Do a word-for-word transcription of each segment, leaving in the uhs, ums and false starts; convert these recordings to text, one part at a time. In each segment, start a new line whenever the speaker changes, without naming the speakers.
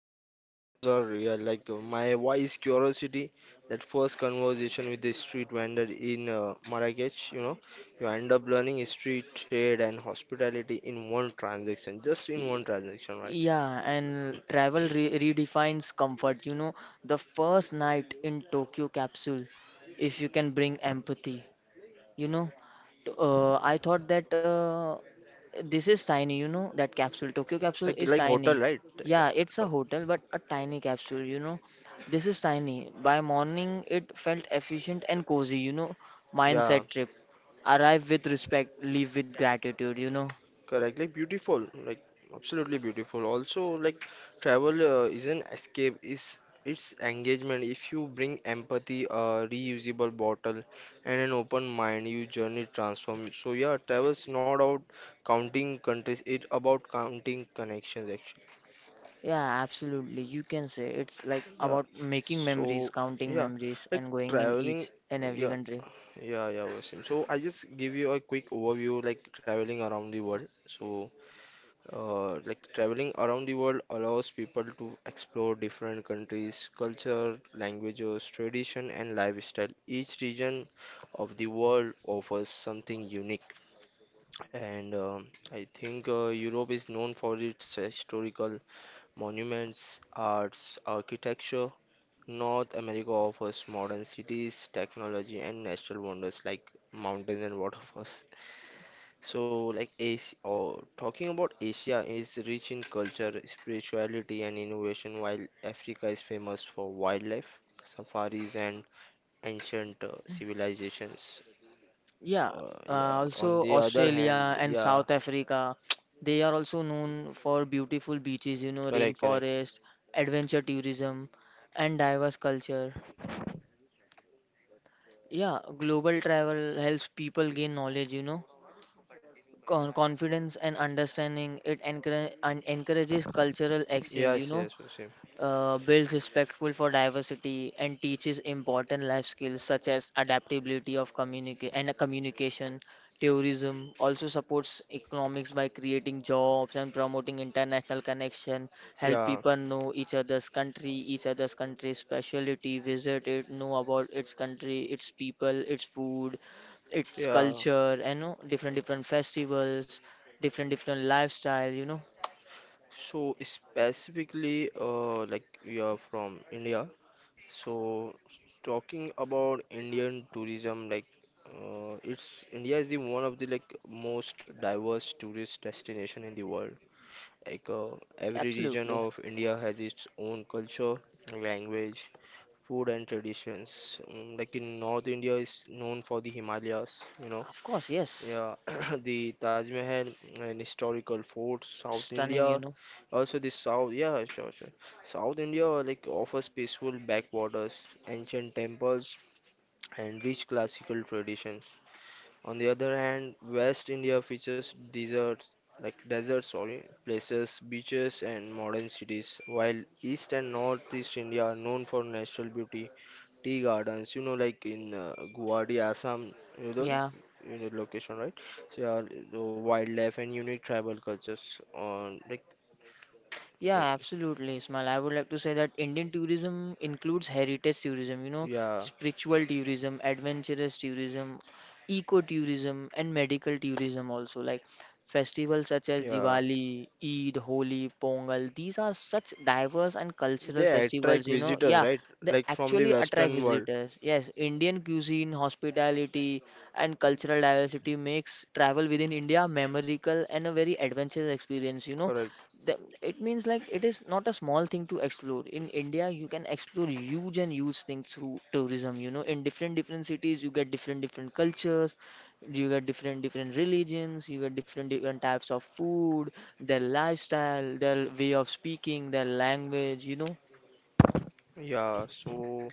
Lisbon carbs are real. Like uh, my wise curiosity, that first conversation with the street vendor in uh, Marrakech, you know, you end up learning history, trade, and hospitality in one transaction. Just in one transaction, right?
Yeah, and travel re redefines comfort. You know, the first night in Tokyo capsule, if you can bring empathy, you know, t- uh, I thought that uh, this is tiny, you know, that capsule. Tokyo capsule
Like
is
like hotel,
tiny.
right?
Yeah, it's a hotel, but a tiny capsule, you know. This is tiny. By morning, it felt efficient and cozy, you know.
Yeah.
Mindset trip. Arrive with respect, leave with gratitude, you know.
Correct, like beautiful, like absolutely beautiful. Also, like travel uh, is an escape, is it's engagement. If you bring empathy, a reusable bottle, and an open mind, you journey transform. So yeah, travel's not about counting countries; it's about counting connections actually.
Yeah, absolutely. You can say it's like
Yeah.
about making memories,
So
counting
yeah,
memories,
like
and going in
traveling.
each and every
Yeah,
country.
yeah, yeah, Wasim. So I just give you a quick overview, like traveling around the world. So. Uh, like traveling around the world allows people to explore different countries, culture, languages, tradition, and lifestyle. Each region of the world offers something unique, and um I think uh, Europe is known for its historical monuments, arts, architecture. North America offers modern cities, technology, and natural wonders like mountains and waterfalls. So, like, Asia, oh, talking about Asia is rich in culture, spirituality, and innovation, while Africa is famous for wildlife, safaris, and ancient uh, civilizations.
Yeah,
Uh, yeah.
uh,
On
also
the other hand,
Australia and
yeah,
South Africa, they are also known for beautiful beaches, you know,
correct, correct.
rainforest, adventure tourism, and diverse culture. Yeah, global travel helps people gain knowledge, you know, con confidence and understanding. It encourage and encourages cultural exchange, you
Yes,
know,
yes, yes, same.
uh, builds respectful for diversity and teaches important life skills such as adaptability of communica- and communication. Tourism also supports economics by creating jobs and promoting international connection, help
Yeah,
people know each other's country each other's country's specialty, visit it, know about its country, its people, its food, its
yeah.
culture, and you know, different different festivals, different different lifestyle, you know.
So specifically, uh, like we are from India. So talking about Indian tourism, like uh, it's India is the one of the like most diverse tourist destination in the world. Like uh, every region
Absolutely.
of India has its own culture, language, food and traditions. Mm, like in North India is known for the Himalayas, you know,
Of course, yes.
yeah, the Taj Mahal uh, and historical forts. South India,
Stunning, you know.
also the south, yeah, sure, sure. South India like offers peaceful backwaters, ancient temples, and rich classical traditions. On the other hand, West India features deserts, like deserts, sorry, places, beaches, and modern cities, while East and Northeast India are known for natural beauty, tea gardens, you know, like in uh, Guwahati, Assam, you know,
Yeah.
you know location, right? So yeah, the wildlife and unique tribal cultures on like
Yeah,
eh,
absolutely, Ismail. I would like to say that Indian tourism includes heritage tourism, you know,
yeah,
spiritual tourism, adventurous tourism, eco-tourism, and medical tourism also. Like festivals such as
yeah.
Diwali, Eid, Holi, Pongal, these are such diverse and cultural
They attract
festivals, you know.
visitors,
Yeah,
right?
they
Like from the
actually attract
Western world.
visitors. Yes, Indian cuisine, hospitality, and cultural diversity makes travel within India memorable and a very adventurous experience. You know
Correct.
the, it means like it is not a small thing to explore in India. You can explore huge and huge things through tourism, you know. In different different cities you get different different cultures, you get different different religions, you get different different types of food, their lifestyle, their way of speaking, their language, you know.
Yeah. So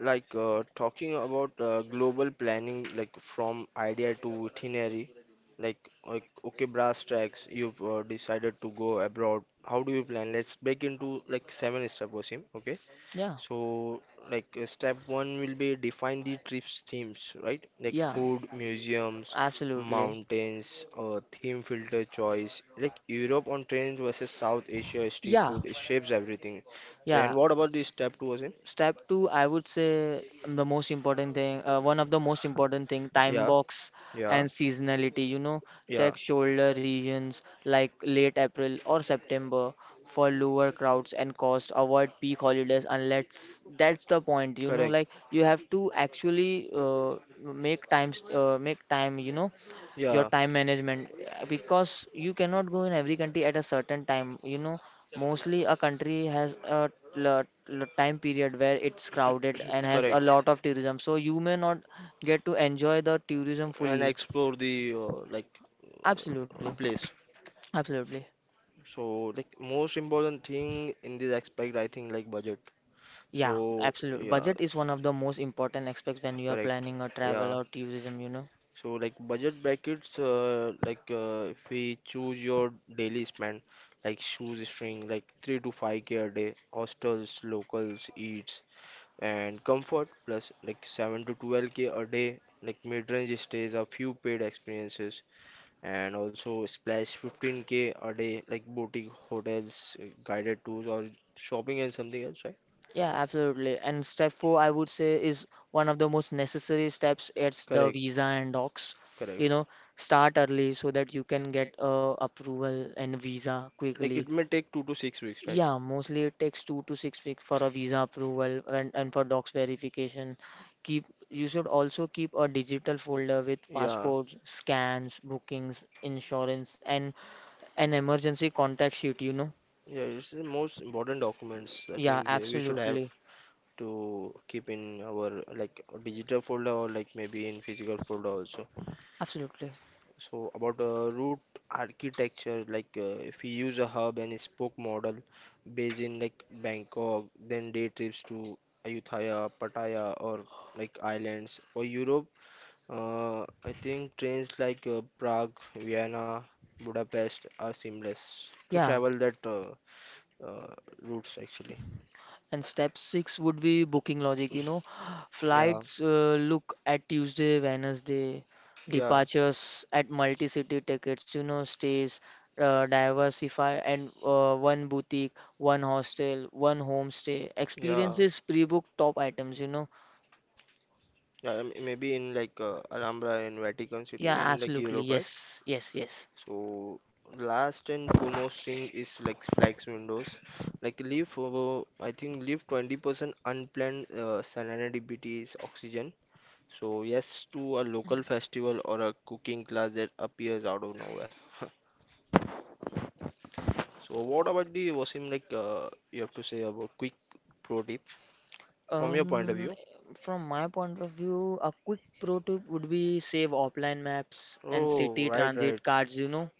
like uh, talking about uh, global planning, like from idea to itinerary, like like okay, brass tracks, you've uh, decided to go abroad, how do you plan? Let's break into like seven step, Wasim, okay?
Yeah.
So like uh, step one will be define the trips themes, right? Like
Yeah,
food, museums,
absolutely.
mountains, uh, theme filter choice, like Europe on trains versus South Asia street
Yeah.
food, it shapes everything. So
Yeah.
and what about the step two, Wasim?
Step two, I would say um, the most important thing, uh, one of the most important thing, time
yeah,
box
yeah,
and seasonality. You know,
yeah,
check shoulder regions like late April or September for lower crowds and cost. Avoid peak holidays unless that's the point. You know,
correct.
like you have to actually uh, make times uh, make time. You know, your
Yeah,
time management, uh, because you cannot go in every country at a certain time, you know. Mostly a country has a l- l- time period where it's crowded and has a
correct.
lot of tourism, so you may not get to enjoy the tourism
And
fully.
explore the uh, like uh,
Absolutely.
place.
Absolutely.
So like most important thing in this aspect, I think like budget.
Yeah,
So
absolutely.
yeah,
Budget is one of the most important aspects when you are
correct.
planning a travel
Yeah,
or tourism, you know.
so like budget brackets, uh, like uh, if we choose your daily spend, like shoes string, like three to five k a day, hostels, locals, eats, and comfort plus like seven to twelve k a day, like mid-range stays, a few paid experiences, and also splash fifteen k a day, like boutique hotels, uh, guided tours, or shopping and something else, right?
Yeah, absolutely. And step four, I would say, is one of the most necessary steps. It's the
Correct,
visa and docs. You
correct.
know, start early so that you can get uh, approval and visa
Like it
quickly.
may take two to six weeks, right?
Yeah, mostly it takes two to six weeks for a visa approval and, and for docs verification. Keep you should also keep a digital folder with
Yeah,
passports, scans, bookings, insurance, and an emergency contact sheet, you know?
yeah, it's the most important documents I
Yeah,
think uh, we should have
absolutely.
absolutely. To keep in our like digital folder or like maybe in physical folder also.
Absolutely.
So about uh, root architecture, like uh, if we use a hub and spoke model based in like Bangkok, then day trips to Ayutthaya, Pattaya, or like islands. For Europe, Uh, I think trains like uh, Prague, Vienna, Budapest are seamless to
Yeah.
travel that uh, uh, routes actually.
And step six would be booking logic, you know.
Yeah,
Flights, uh, look at Tuesday, Wednesday
yeah,
departures at multi-city tickets, you know. Stays, uh, diversify, and uh, one boutique, one hostel, one homestay.
yeah,
Experiences, pre-book top items, you know.
yeah. m- Maybe in like uh, Alhambra in Vatican City
Yeah,
in like
absolutely.
Europe, right?
Yes, yes, yes.
So last and foremost thing is like flex windows. Like leave over, I think leave twenty percent unplanned uh, salinity oxygen. So yes, to a local festival or a cooking class that appears out of nowhere. So what about the Wasim? Like uh, you have to say about quick pro tip from your point of
Um,
view.
from my point of view, a quick pro tip would be save offline maps and
Oh,
city
right, right.
transit cards, you know.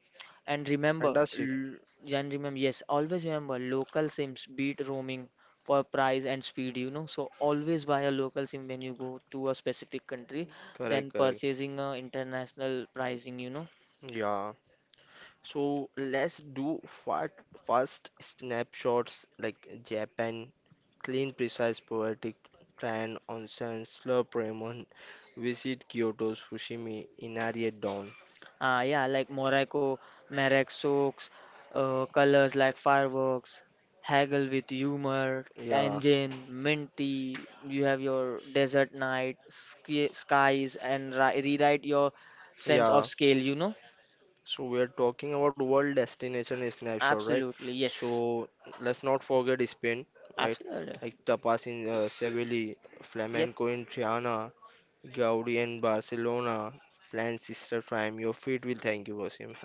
And remember,
Fantastic.
l- and remember, yes, always remember local SIMs beat roaming for price and speed, you know. So always buy a local SIM when you go to a specific country than
Correct, correct.
purchasing a international pricing, you know.
Yeah. So let's do fa- fast snapshots like Japan, clean, precise, poetic, tran, onsen, slurp ramen, visit Kyoto, Fushimi, Inari at dawn.
Uh, yeah, like Morocco, Marek Soaks, uh, colors like fireworks, haggle with humor,
Yeah,
tangent, minty. You have your desert night, sky, skies, and ri rewrite your sense
yeah.
of scale, you know?
So we are talking about world destination snapshot, right?
Absolutely, yes.
So let's not forget Spain, right?
Absolutely.
Like tapas in uh, Seville,
Yep.
flamenco in Triana, Gaudi and Barcelona, plan sister prime. Your feet will thank you, Wasim.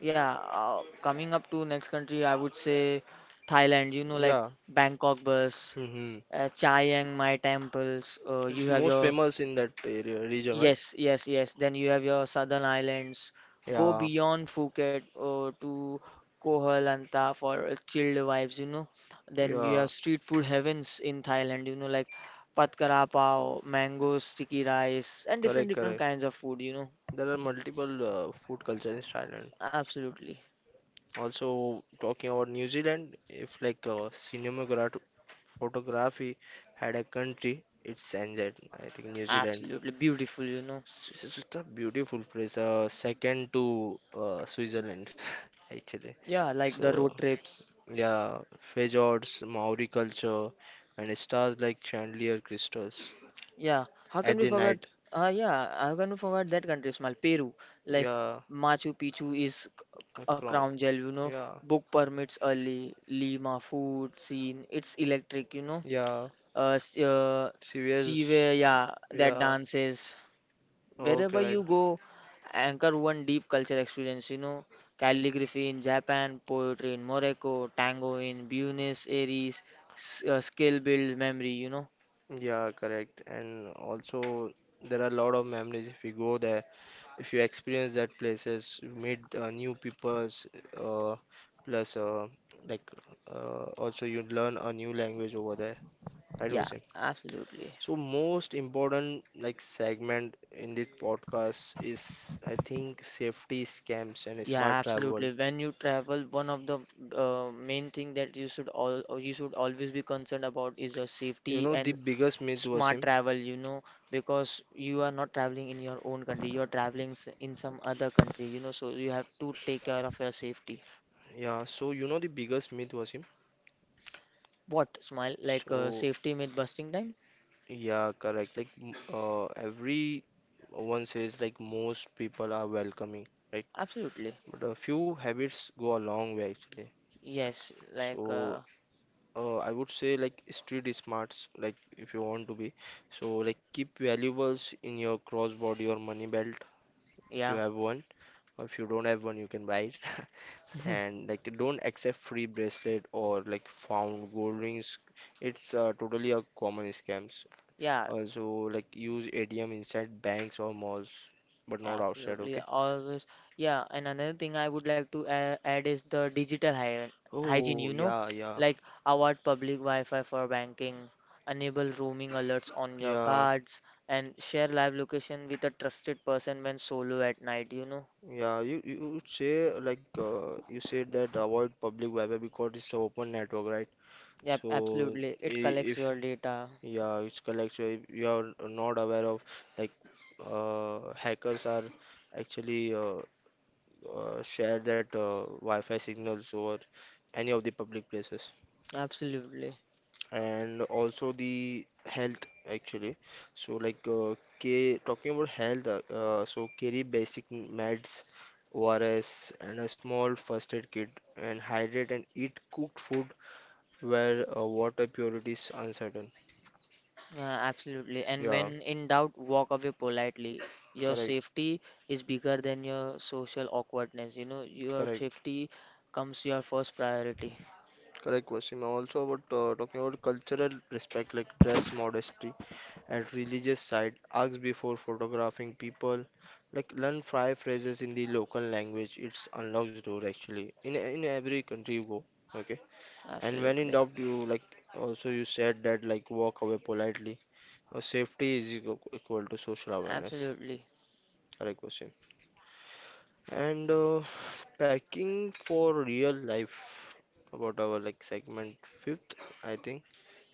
Yeah. Uh, coming up to next country, I would say Thailand, you know, like
Yeah.
Bangkok bus,
Hmm.
uh, Chiang Mai temples, uh,
It's
you have
most
your.
famous in that area region, right?
Yes, yes, yes. Then you have your southern islands. Go
Yeah.
beyond Phuket uh, to Koh Lanta for uh, chilled vibes, you know. Then you
Yeah.
have street food heavens in Thailand, you know, like Pat Kra Pao, mango sticky rice, and different
Correct,
different
correct.
kinds of food, you know.
There are multiple uh, food culture in Thailand.
Absolutely,
Also, talking about New Zealand, if like uh, cinematography, photography had a country, it's N Z, I think New Zealand.
absolutely beautiful, you know.
S- It's just a beautiful place, uh, second to uh, Switzerland, actually.
Yeah, like the
So,
road trips.
yeah, fjords, Maori culture, and stars like chandelier crystals
Yeah, how can
at
we
the
forget?
night.
Uh, yeah, how can we forget that country, Smile? Peru. Like
Yeah,
Machu Picchu is c-
a
c- a
crown.
crown gel, you know.
Yeah,
Book permits early. Lima food scene. It's electric, you know.
yeah,
Uh, s- uh,
serious.
Sive, yeah, that
Yeah,
dances.
okay,
Wherever
right.
you go, anchor one deep culture experience, you know. Calligraphy in Japan, poetry in Morocco, tango in Buenos Aires, s- uh, skill build memory, you know.
Yeah, correct. And also, there are a lot of memories if you go there, if you experience that places, you meet uh, new peoples, uh, plus uh, like uh, also you learn a new language over there. Right,
Yeah,
Wasim?
absolutely.
So most important like segment in this podcast is I think safety scams and
Yeah,
smart travel.
absolutely. When you travel, one of the uh, main thing that you should all or you should always be concerned about is your
You
safety
know the
and
biggest myth, Wasim?
smart travel, you know, because you are not traveling in your own country, you are traveling s- in some other country, you know, so you have to take care of your safety.
Yeah. So you know the biggest myth, Wasim?
What, smile? Like uh,
So.
safety myth busting time?
Yeah, correct. Like, m- uh, every uh, one says like most people are welcoming, right?
Absolutely.
But a few habits go a long way actually.
Yes, like
So,
uh,
uh, I would say like street smarts, like if you want to be. So, like keep valuables in your crossbody or money belt if you
yeah.
have one, or if you don't have one, you can buy it. And like don't accept free bracelet or like found gold rings. It's uh, totally a common scam.
Yeah,
Also, like use A T M inside banks or malls, but not outside,
absolutely,
okay?
always. Yeah, and another thing I would like to a- add is the digital hy
Oh,
hygiene, you know,
yeah, yeah,
like avoid public Wi-Fi for banking, enable roaming alerts on your
yeah.
cards, and share live location with a trusted person when solo at night, you know.
Yeah, you, you would say like uh, you said that avoid public Wi-Fi because it's a open network, right?
Yep,
So
absolutely. It
I-
collects
if
your data.
yeah, it's correct. So if you are not aware of like uh, hackers are actually uh, uh, share that uh, Wi-Fi signals over any of the public places.
Absolutely.
And also the health actually. So like uh, K talking about health uh, uh, so carry basic meds, O R S, and a small first aid kit, and hydrate and eat cooked food where uh, water purity is uncertain.
Yeah, absolutely. And
Yeah,
when in doubt, walk away politely. Your
correct,
safety is bigger than your social awkwardness. You know, your
correct,
safety comes your first priority.
correct question. Also about uh, talking about cultural respect, like dress modesty at religious site. Ask before photographing people. Like learn five phrases in the local language. It's unlocks door actually. In in every country you go. Okay. And when in
Absolutely.
doubt, you like also you said that like walk away politely. Uh, safety is equal equal to social awareness.
Absolutely.
Correct question. And uh, packing for real life about our like segment fifth, I think.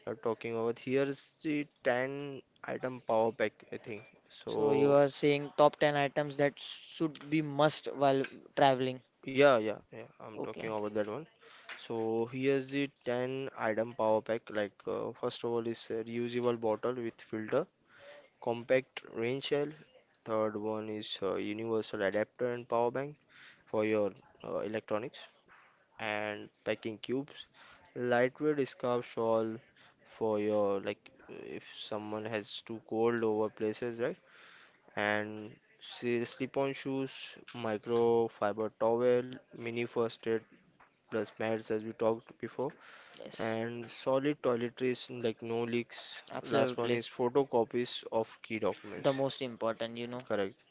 Are talking about. Here is the ten item power pack, I think.
So you
So,
are saying top ten items that should be must while traveling.
yeah, yeah, yeah, I'm talking
Okay.
about that one. So, here's the ten item power pack. Like, uh, first of all, is a reusable bottle with filter, compact rain shell. Third one is uh, universal adapter and power bank for your uh, electronics. And packing cubes. Lightweight scarf shawl for your like if someone has too cold over places, right? And see slip-on shoes, microfiber towel, mini first aid plus mats as we talked before,
Yes.
and solid toiletries like no leaks. Last one
Absolutely.
is photocopies of key documents,
The most important, you know.
correct?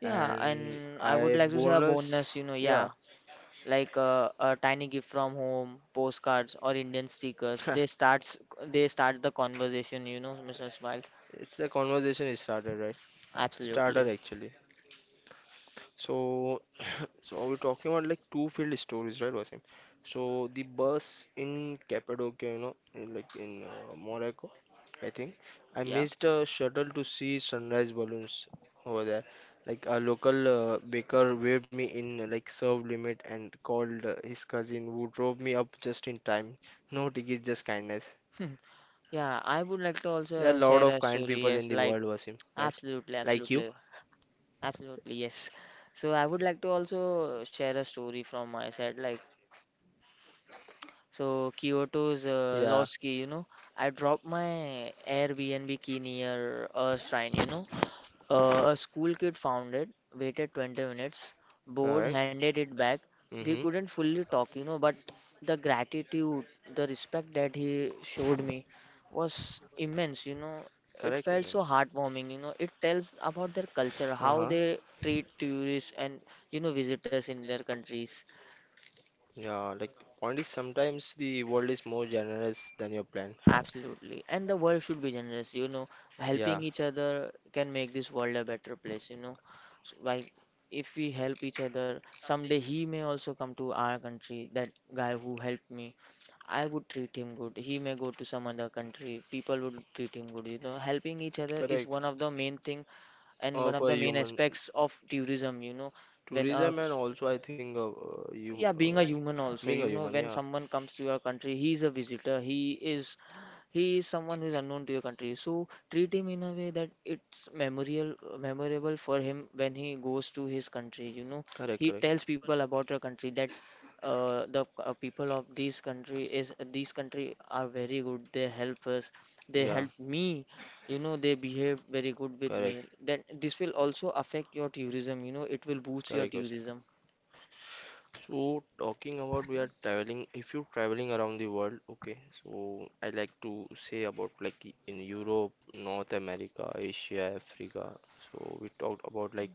Yeah,
And
and I would
I
like to say a
bonus,
bonus, you know, yeah,
yeah.
like uh, a tiny gift from home, postcards or Indian stickers. They starts they start the conversation, you know, mister Smile.
It's a conversation is started, right? Starter
Absolutely.
actually. So so we're talking about like two field stories, right, Wasim? So the bus in Cappadocia, you know, in like in uh, Morocco, I think I
Yeah.
missed a shuttle to see sunrise balloons over there. Like a local uh, baker waved me in uh, like serve limit and called uh, his cousin who drove me up just in time. No tickets, just kindness.
Hmm. Yeah, I would like to
There are
also
a lot
share
of
a
kind
story.
people in
Yes,
the
like
world, Wasim, right?
absolutely,
Like you.
absolutely, absolutely. Yes. So I would like to also share a story from my side. Like, so Kyoto's uh,
Yeah,
lost key. You know, I dropped my Airbnb key near a shrine. You know, Uh, a school kid found it, waited twenty minutes, bored,
correct.
handed it back. We
Mm-hmm.
couldn't fully talk, you know, but the gratitude, the respect that he showed me was immense, you know. It
Correct.
felt
Correct.
so heartwarming, you know. It tells about their culture, how
Uh-huh.
they treat tourists and, you know, visitors in their countries.
Yeah, like point is sometimes the world is more generous than your plan.
Absolutely. And the world should be generous, you know.
Yeah,
Helping each other can make this world a better place, you know. So, like, if we help each other, someday he may also come to our country. That guy who helped me, I would treat him good. He may go to some other country. People would treat him good, you know. Helping each other is
correct.
one of the main thing and one
Of
of
a
the main
human
aspects of tourism, you know. When a
tourism and also I think of uh, you
Yeah,
uh,
being a human also,
being a
you know,
human.
when
Yeah,
someone comes to your country, he is a visitor, he is he is someone who is unknown to your country. So treat him in a way that it's memorial, memorable for him when he goes to his country. You know,
correct.
he tells
Correct.
people about your country that uh, the uh, people of this country is these country are very good. They help us. They
Yeah.
help me. You know, they behave very good with
Correct.
me. Then this will also affect your tourism. You know, it will boost your
Correct, Yosef.
tourism.
So talking about we are traveling, if you're traveling around the world, okay, so I like to say about like i- in Europe, North America, Asia, Africa. So we talked about like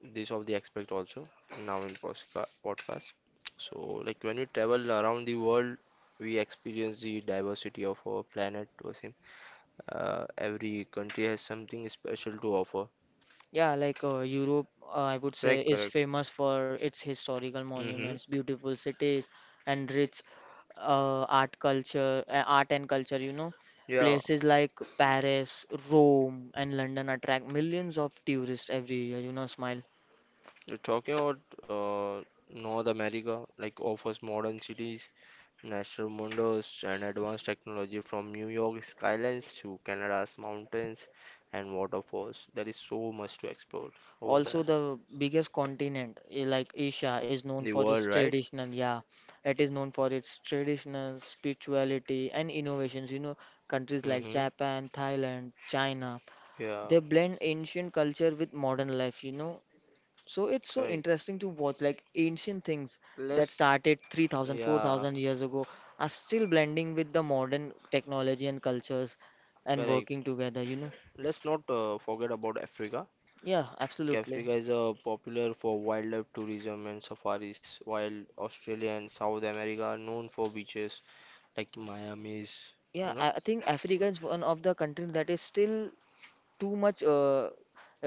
this of the aspect also now in posca- podcast. So like when we travel around the world, we experience the diversity of our planet, Wasim. Uh, every country has something special to offer.
Yeah, like uh, Europe, uh, I would say,
Correct.
is famous for its historical
Mm-hmm.
monuments, beautiful cities, and rich uh, art culture, uh, art and culture, you know. Places like Paris, Rome, and London attract millions of tourists every year, you know, smile.
You're talking about uh, North America, like offers modern cities, natural wonders, and advanced technology from New York skylines to Canada's mountains and waterfalls. There is so much to explore over
Also,
there.
the biggest continent, eh, like Asia, is known
The
for
world,
its
right?
traditional, yeah, it is known for its traditional spirituality and innovations, you know, countries like
Mm-hmm.
Japan, Thailand, China
Yeah,
they blend ancient culture with modern life, you know. So it's so
correct.
interesting to watch like ancient things that
let's
started three thousand, four
yeah
thousand years ago are still blending with the modern technology and cultures and
correct,
working together, you know.
let's not uh, forget about Africa.
Yeah, absolutely.
Africa is uh, popular for wildlife tourism and safaris while Australia and South America are known for beaches like Miami's, you
Yeah,
know.
I I think Africa is one of the countries that is still too much, uh,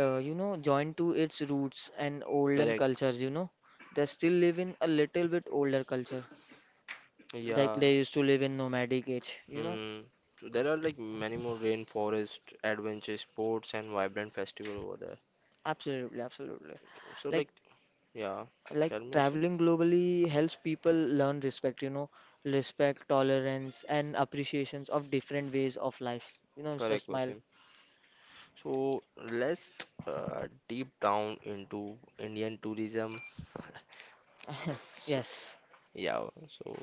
uh, you know, joined to its roots and olden
Correct.
cultures, you know. They still live in a little bit older culture, like
Yeah.
they used to live in nomadic age, you know.
Hmm. So there are like many more rainforest adventure sports and vibrant festival over there.
Absolutely, absolutely.
So
Like
like yeah,
like
tell me, Ashif.
traveling globally helps people learn respect, you know, respect, tolerance, and appreciations of different ways of life. You know, Mister
Correct
Smile.
question. So let's uh, deep down into Indian tourism. So,
Yes.
yeah, so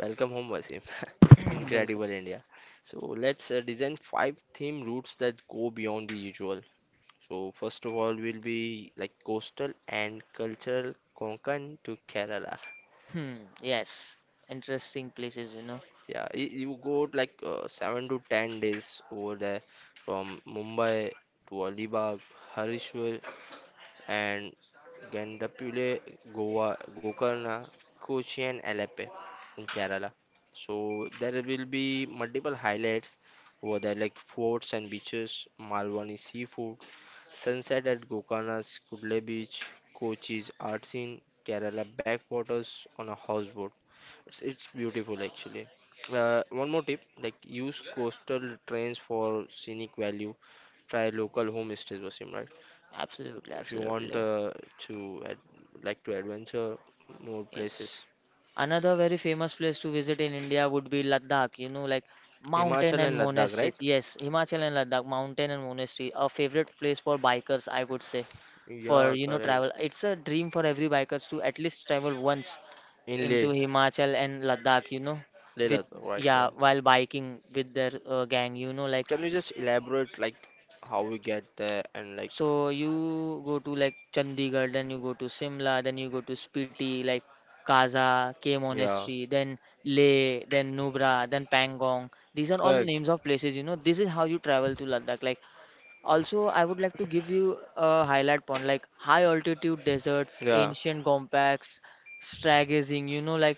welcome home, Wasim.
Welcome.
Incredible India. So let's uh, design five theme routes that go beyond the usual. So first of all will be like coastal and cultural Konkan to Kerala.
Hmm, yes. Interesting places, you know.
Yeah, y- you go like uh, seven to ten days over there, from Mumbai to Alibag, Harishwar, and Gandapule, Goa, Gokarna, Kochi, and Alappe in Kerala. So there will be multiple highlights over there, like forts and beaches, Malwani seafood, sunset at Gokarna's Kudle Beach, Kochi's art scene, Kerala backwaters on a houseboat. It's, it's beautiful actually. Uh, one more tip, like use coastal trains for scenic value. Try local homestays, Wasim, right?
Absolutely,
If you want
absolutely.
uh, to ad like to adventure more
Yes.
places.
Another very famous place to visit in India would be Ladakh, you know, like mountain
Himachal
and
and Ladakh, right?
monasteries. Yes, Himachal and Ladakh, mountain and monastery, a favorite place for bikers, I would say, for,
Yeah,
you know,
correct.
travel. It's a dream for every bikers to at least travel once
In
into
Leh,
Himachal and Ladakh, you know,
Leh
with,
Ladakh, right?
yeah,
Yeah.
while biking with their uh, gang, you know, like
Can you just elaborate like how we get there and like?
so you go to like Chandigarh, then you go to Simla, then you go to Spiti, like Kaza, K
Yeah.
Monastery, then Leh, then Nubra, then Pangong. These are all
Correct.
names of places, you know. This is how you travel to Ladakh. Like also, I would like to give you a highlight point like high altitude deserts,
Yeah.
ancient compacts, stargazing. You know, like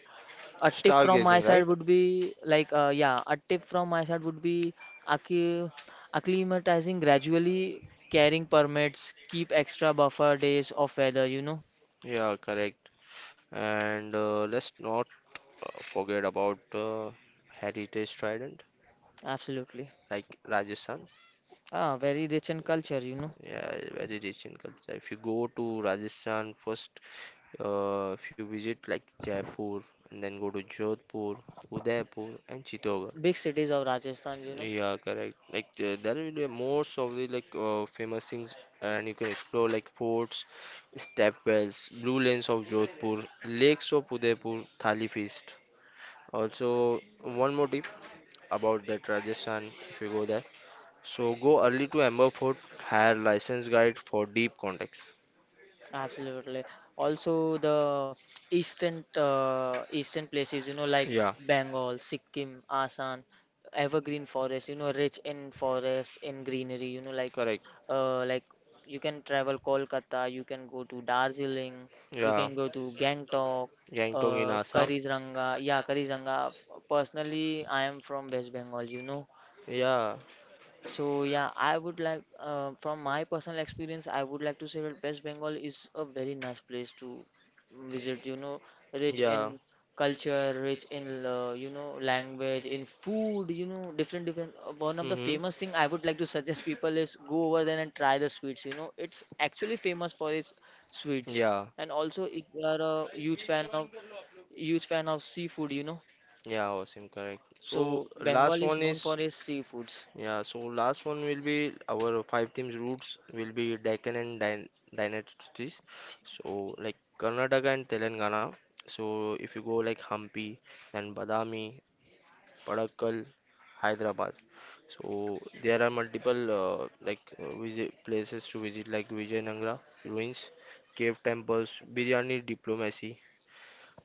a tip from my
Stargazing, right?
side would be like, uh, yeah, a tip from my side would be accu- acclimatizing gradually, carrying permits, keep extra buffer days of weather, you know.
Yeah, correct. And uh, let's not uh, forget about uh, Heritage Trident,
Absolutely.
like Rajasthan.
Ah, very rich in culture, you know.
Yeah, very rich in culture. If you go to Rajasthan first, uh, if you visit like Jaipur and then go to Jodhpur, Udaipur and Chittorgarh.
Big cities of Rajasthan, you know.
Yeah, correct. Like uh, there will be most of the like uh, famous things, and you can explore like forts, stepwells, blue lanes of Jodhpur, lakes of Udaipur, Thali feast. Also, one more tip about that Rajasthan if you go there. So go early to Amber Fort, hire licensed guide for deep context.
Absolutely. Also, the eastern uh, eastern places, you know, like Bengal, Sikkim, Assam, evergreen forest, you know, rich in forest, in greenery, you know, like
Correct.
uh, like you can travel Kolkata, you can go to Darjeeling,
You.
you
Yeah.
can go to Gangtok,
Gangtok in
uh,
uh,
Karizranga. Yeah, Karizranga. Personally, I am from West Bengal, you know.
know, yeah.
So yeah, I would like, uh, from my personal experience, I would like to say that West Bengal is a very nice place to visit. You know, rich
Yeah.
in culture, rich in uh, you know language, in food. You know, different different. uh, One of the famous thing I would like to suggest people is go over there and try the sweets. You know, it's
It's
actually famous for its sweets.
yeah.
And also, if you are a huge fan of huge fan of seafood, you know,
Yeah, Wasim, correct. So
so
last
Bengal is
one
known
is
for its seafoods.
yeah. So last one will be our five teams roots will be Deccan and Dyn dynasties. So like Karnataka and Telangana. So if you go like Hampi and Badami, Padakkal, Hyderabad. So there are multiple uh, like uh, visit places to visit like Vijayanagara ruins, cave temples, biryani diplomacy.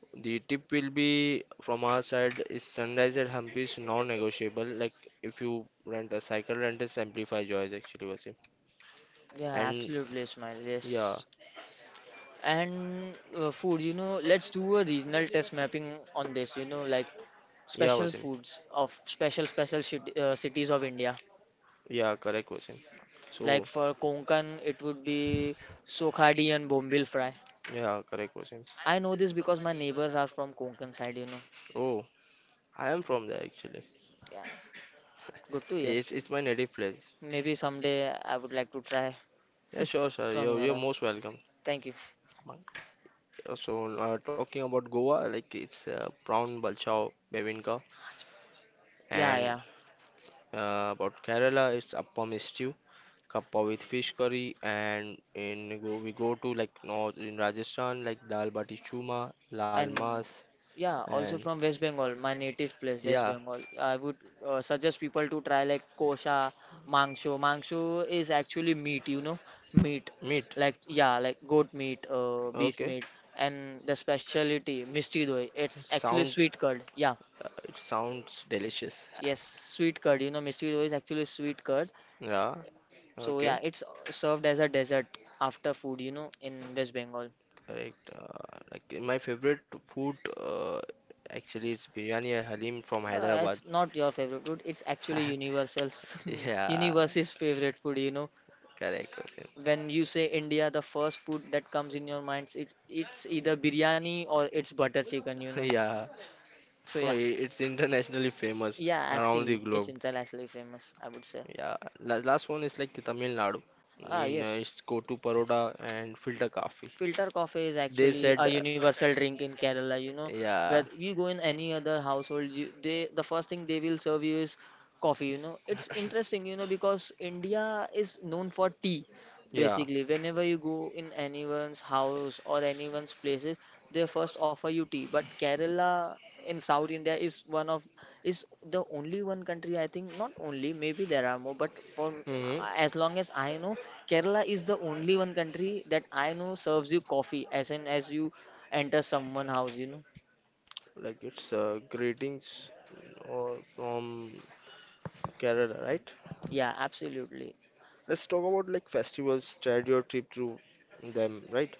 The tip will be from our side is sunrise at Hampi is non-negotiable. Like if you rent a cycle, rentals amplify joys actually, Wasim.
Yeah,
And
absolutely, Ismail.
yeah,
Yes. And uh, food, you know, let's do a regional test mapping on this, you know, like
yeah,
special
Wasim.
foods of special, special shit, uh, cities of India.
Yeah, correct, Wasim. So
Like for Konkan, it would be Sokhadi and Bombil fry.
yeah, correct, Wasim.
I know this because my neighbors are from Konkan side, you know.
Oh, I am from there actually.
Yeah, good to hear.
It's it's my native place.
Maybe someday I would like to try
Yeah, sure, sure.
from
You're
your
you're
house.
most welcome.
Thank you.
Uh, So uh, talking about Goa, like it's uh, prawn balchao bebinka
Yeah,
and
yeah.
uh, about Kerala, it's appam stew, kappa with fish curry, and in go, we go to like north in Rajasthan, like dal bati churma, lal
And
mas,
yeah, also
and
from West Bengal, my native place West
yeah,
Bengal, I would uh, suggest people to try like kosha mangsho mangsho is actually meat, you know, meat,
meat.
like, yeah, like goat meat, uh, beef
Okay,
meat, and the specialty misti doi, it's actually
sound.
sweet curd. Yeah.
Uh, it sounds delicious.
Yes, sweet curd, you know, misti doi is actually sweet curd.
Yeah.
So yeah,
Okay.
it's served as a dessert after food, you know, in West Bengal.
Correct. Uh, like uh, my favorite food uh, actually is biryani and halim from
Uh,
Hyderabad.
it's not your favorite food. It's actually Universal's,
Yeah.
universe's favorite food. You know,
Correct, Hussein.
when you say India, the first food that comes in your minds, it it's either biryani or it's butter chicken. You know,
Yeah.
so
So
yeah,
i- it's internationally famous
yeah,
around the
actually, it's
globe.
internationally famous. I would say.
Yeah. La- last one is like the Tamil Nadu.
Ah,
In uh,
yes.
it's Kotu Paroda and filter coffee.
Filter coffee is
They
actually
said,
a
uh,
universal drink in Kerala, you know.
yeah.
Where you go in any other household, you, they the first thing they will serve you is coffee, you know. It's interesting, you know, because India is known for tea.
Yeah.
Basically, whenever you go in anyone's house or anyone's places, they first offer you tea. But Kerala in South India is one of is the only one country, I think, not only, maybe there are more, but for
Hmm.
as long as I know Kerala is the only one country that I know serves you coffee as in as you enter someone house, you know.
Like it's uh, greetings or from Kerala, right?
Yeah, absolutely.
Let's talk about like festivals, trade your trip through them, right?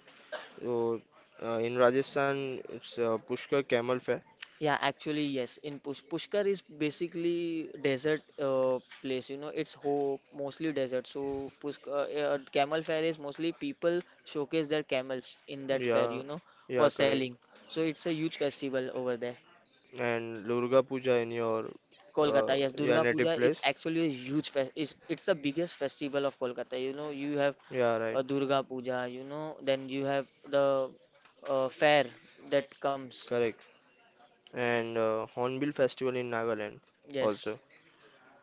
So uh, in Rajasthan, it's uh, Pushkar Camel Fair.
Yeah, actually, yes. In Push Pushkar is basically desert uh, place, you know. It's ho mostly desert. So Pushk uh, uh, camel fair is mostly people showcase their camels in that fair,
Yeah,
you know,
yeah,
for
correct.
selling. So it's a huge festival over there.
And Durga Puja in your uh,
Kolkata, yes,
your
Durga
native
Puja is
place?
actually a huge fest. It's, it's the biggest festival of Kolkata. You know, you have
Yeah, right.
uh, Durga Puja, you know, then you have the uh, fair that comes.
Correct. And uh, Hornbill Festival in Nagaland also.
Yes,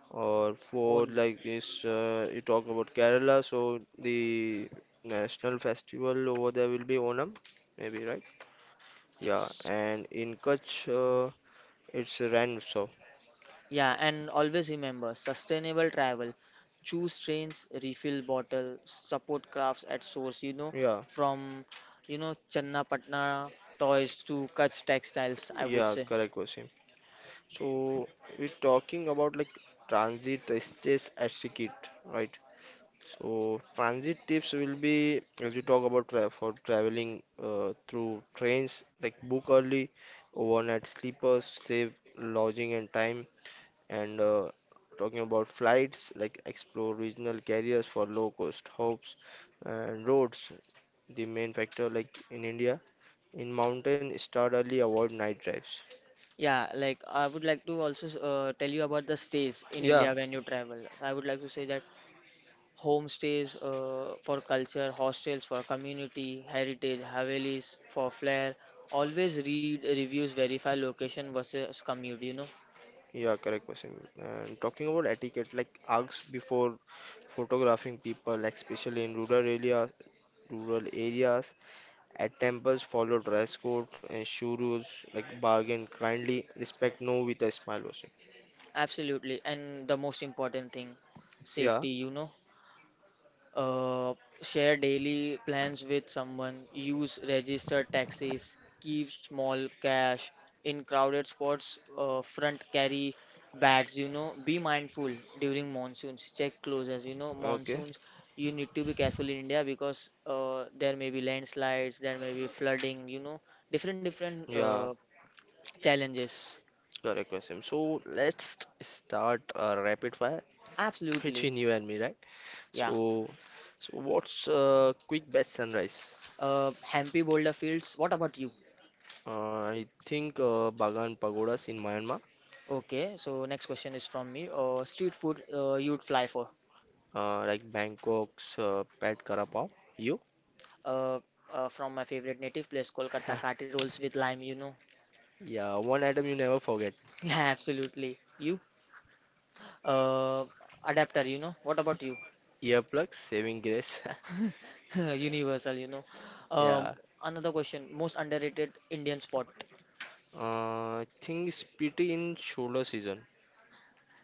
Or for
own.
like this, uh, you talk about Kerala, so the national festival over there will be Onam, maybe, right? Yeah,
Yes.
and in Kutch, uh, it's Ran Utsav.
Yeah, and always remember sustainable travel. Choose trains, refill bottle, support crafts at source, you know,
Yeah,
from, you know, Channapatna toys to Kutch textiles, I would
yeah,
say.
correct, Wasim. So we're talking about like transit stays etiquette, right? So transit tips will be as we talk about tra for traveling uh, through trains, like book early, overnight sleepers, save lodging and time, and uh, talking about flights, like explore regional carriers for low cost hubs and roads. The main factor, like in India, in mountain, start early, avoid night drives.
Yeah, like I would like to also uh, tell you about the stays in
Yeah,
India when you travel. I would like to say that homestays uh, for culture, hostels for community, heritage, havelis for flair. Always read reviews, verify location versus commute, you know.
yeah, correct question. And talking about etiquette, like ask before photographing people, like especially in rural area, rural areas. At temples, follow dress code and shoe rules, like bargain kindly, respect no with a smile also.
Absolutely. And the most important thing,
Yeah,
safety, you know. uh, Share daily plans with someone, use registered taxis, keep small cash in crowded spots, uh, front carry bags, you know, be mindful during monsoons, check closures, you know,
okay,
monsoons. You need to be careful in India because uh, there may be landslides, there may be flooding, you know, different different
yeah,
uh, challenges.
correct question. So let's start uh, rapid fire
Absolutely,
between you and me, right?
yeah.
So, so what's uh, quick best sunrise?
Uh, Hampi Boulder Fields. What about you?
Uh, I think uh, Bagan Pagodas in Myanmar,
Okay, so next question is from me. Uh, street food uh, you'd fly for?
uh, like Bangkok's uh, Pat Kara Pav. You?
Uh, uh, from my favorite native place, Kolkata, Kati rolls with lime, you know.
Yeah, one item you never forget.
Yeah, absolutely. You? Uh, adapter, you know. What about you?
Earplugs, saving grace.
Universal, you know. Um,
Yeah.
another question. Most underrated Indian spot.
Uh, I think pretty in shoulder season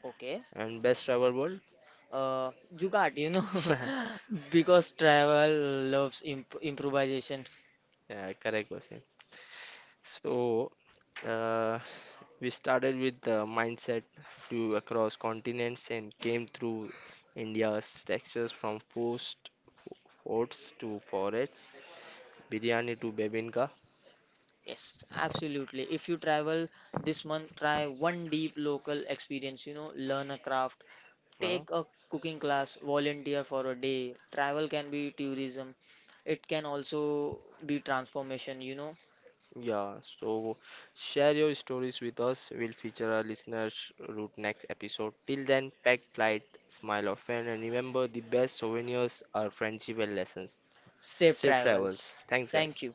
Okay.
and best travel world.
Uh, Jugaad, you know, because travel loves imp improvisation.
Yeah, correct question. So, uh, we started with the mindset, flew across continents and came through India's textures from forced forts to forests, biryani to bebinka.
Yes, absolutely. If you travel this month, try one deep local experience, you know, learn a craft,
Uh,
take a cooking class, volunteer for a day. Travel can be tourism, it can also be transformation, you know.
Yeah, so share your stories with us. We'll feature our listeners' route next episode. Till then, pack light, smile often, and remember the best souvenirs are friendship and lessons.
Safe
Safe travels.
travels.
Thanks,
Thank
guys.
you.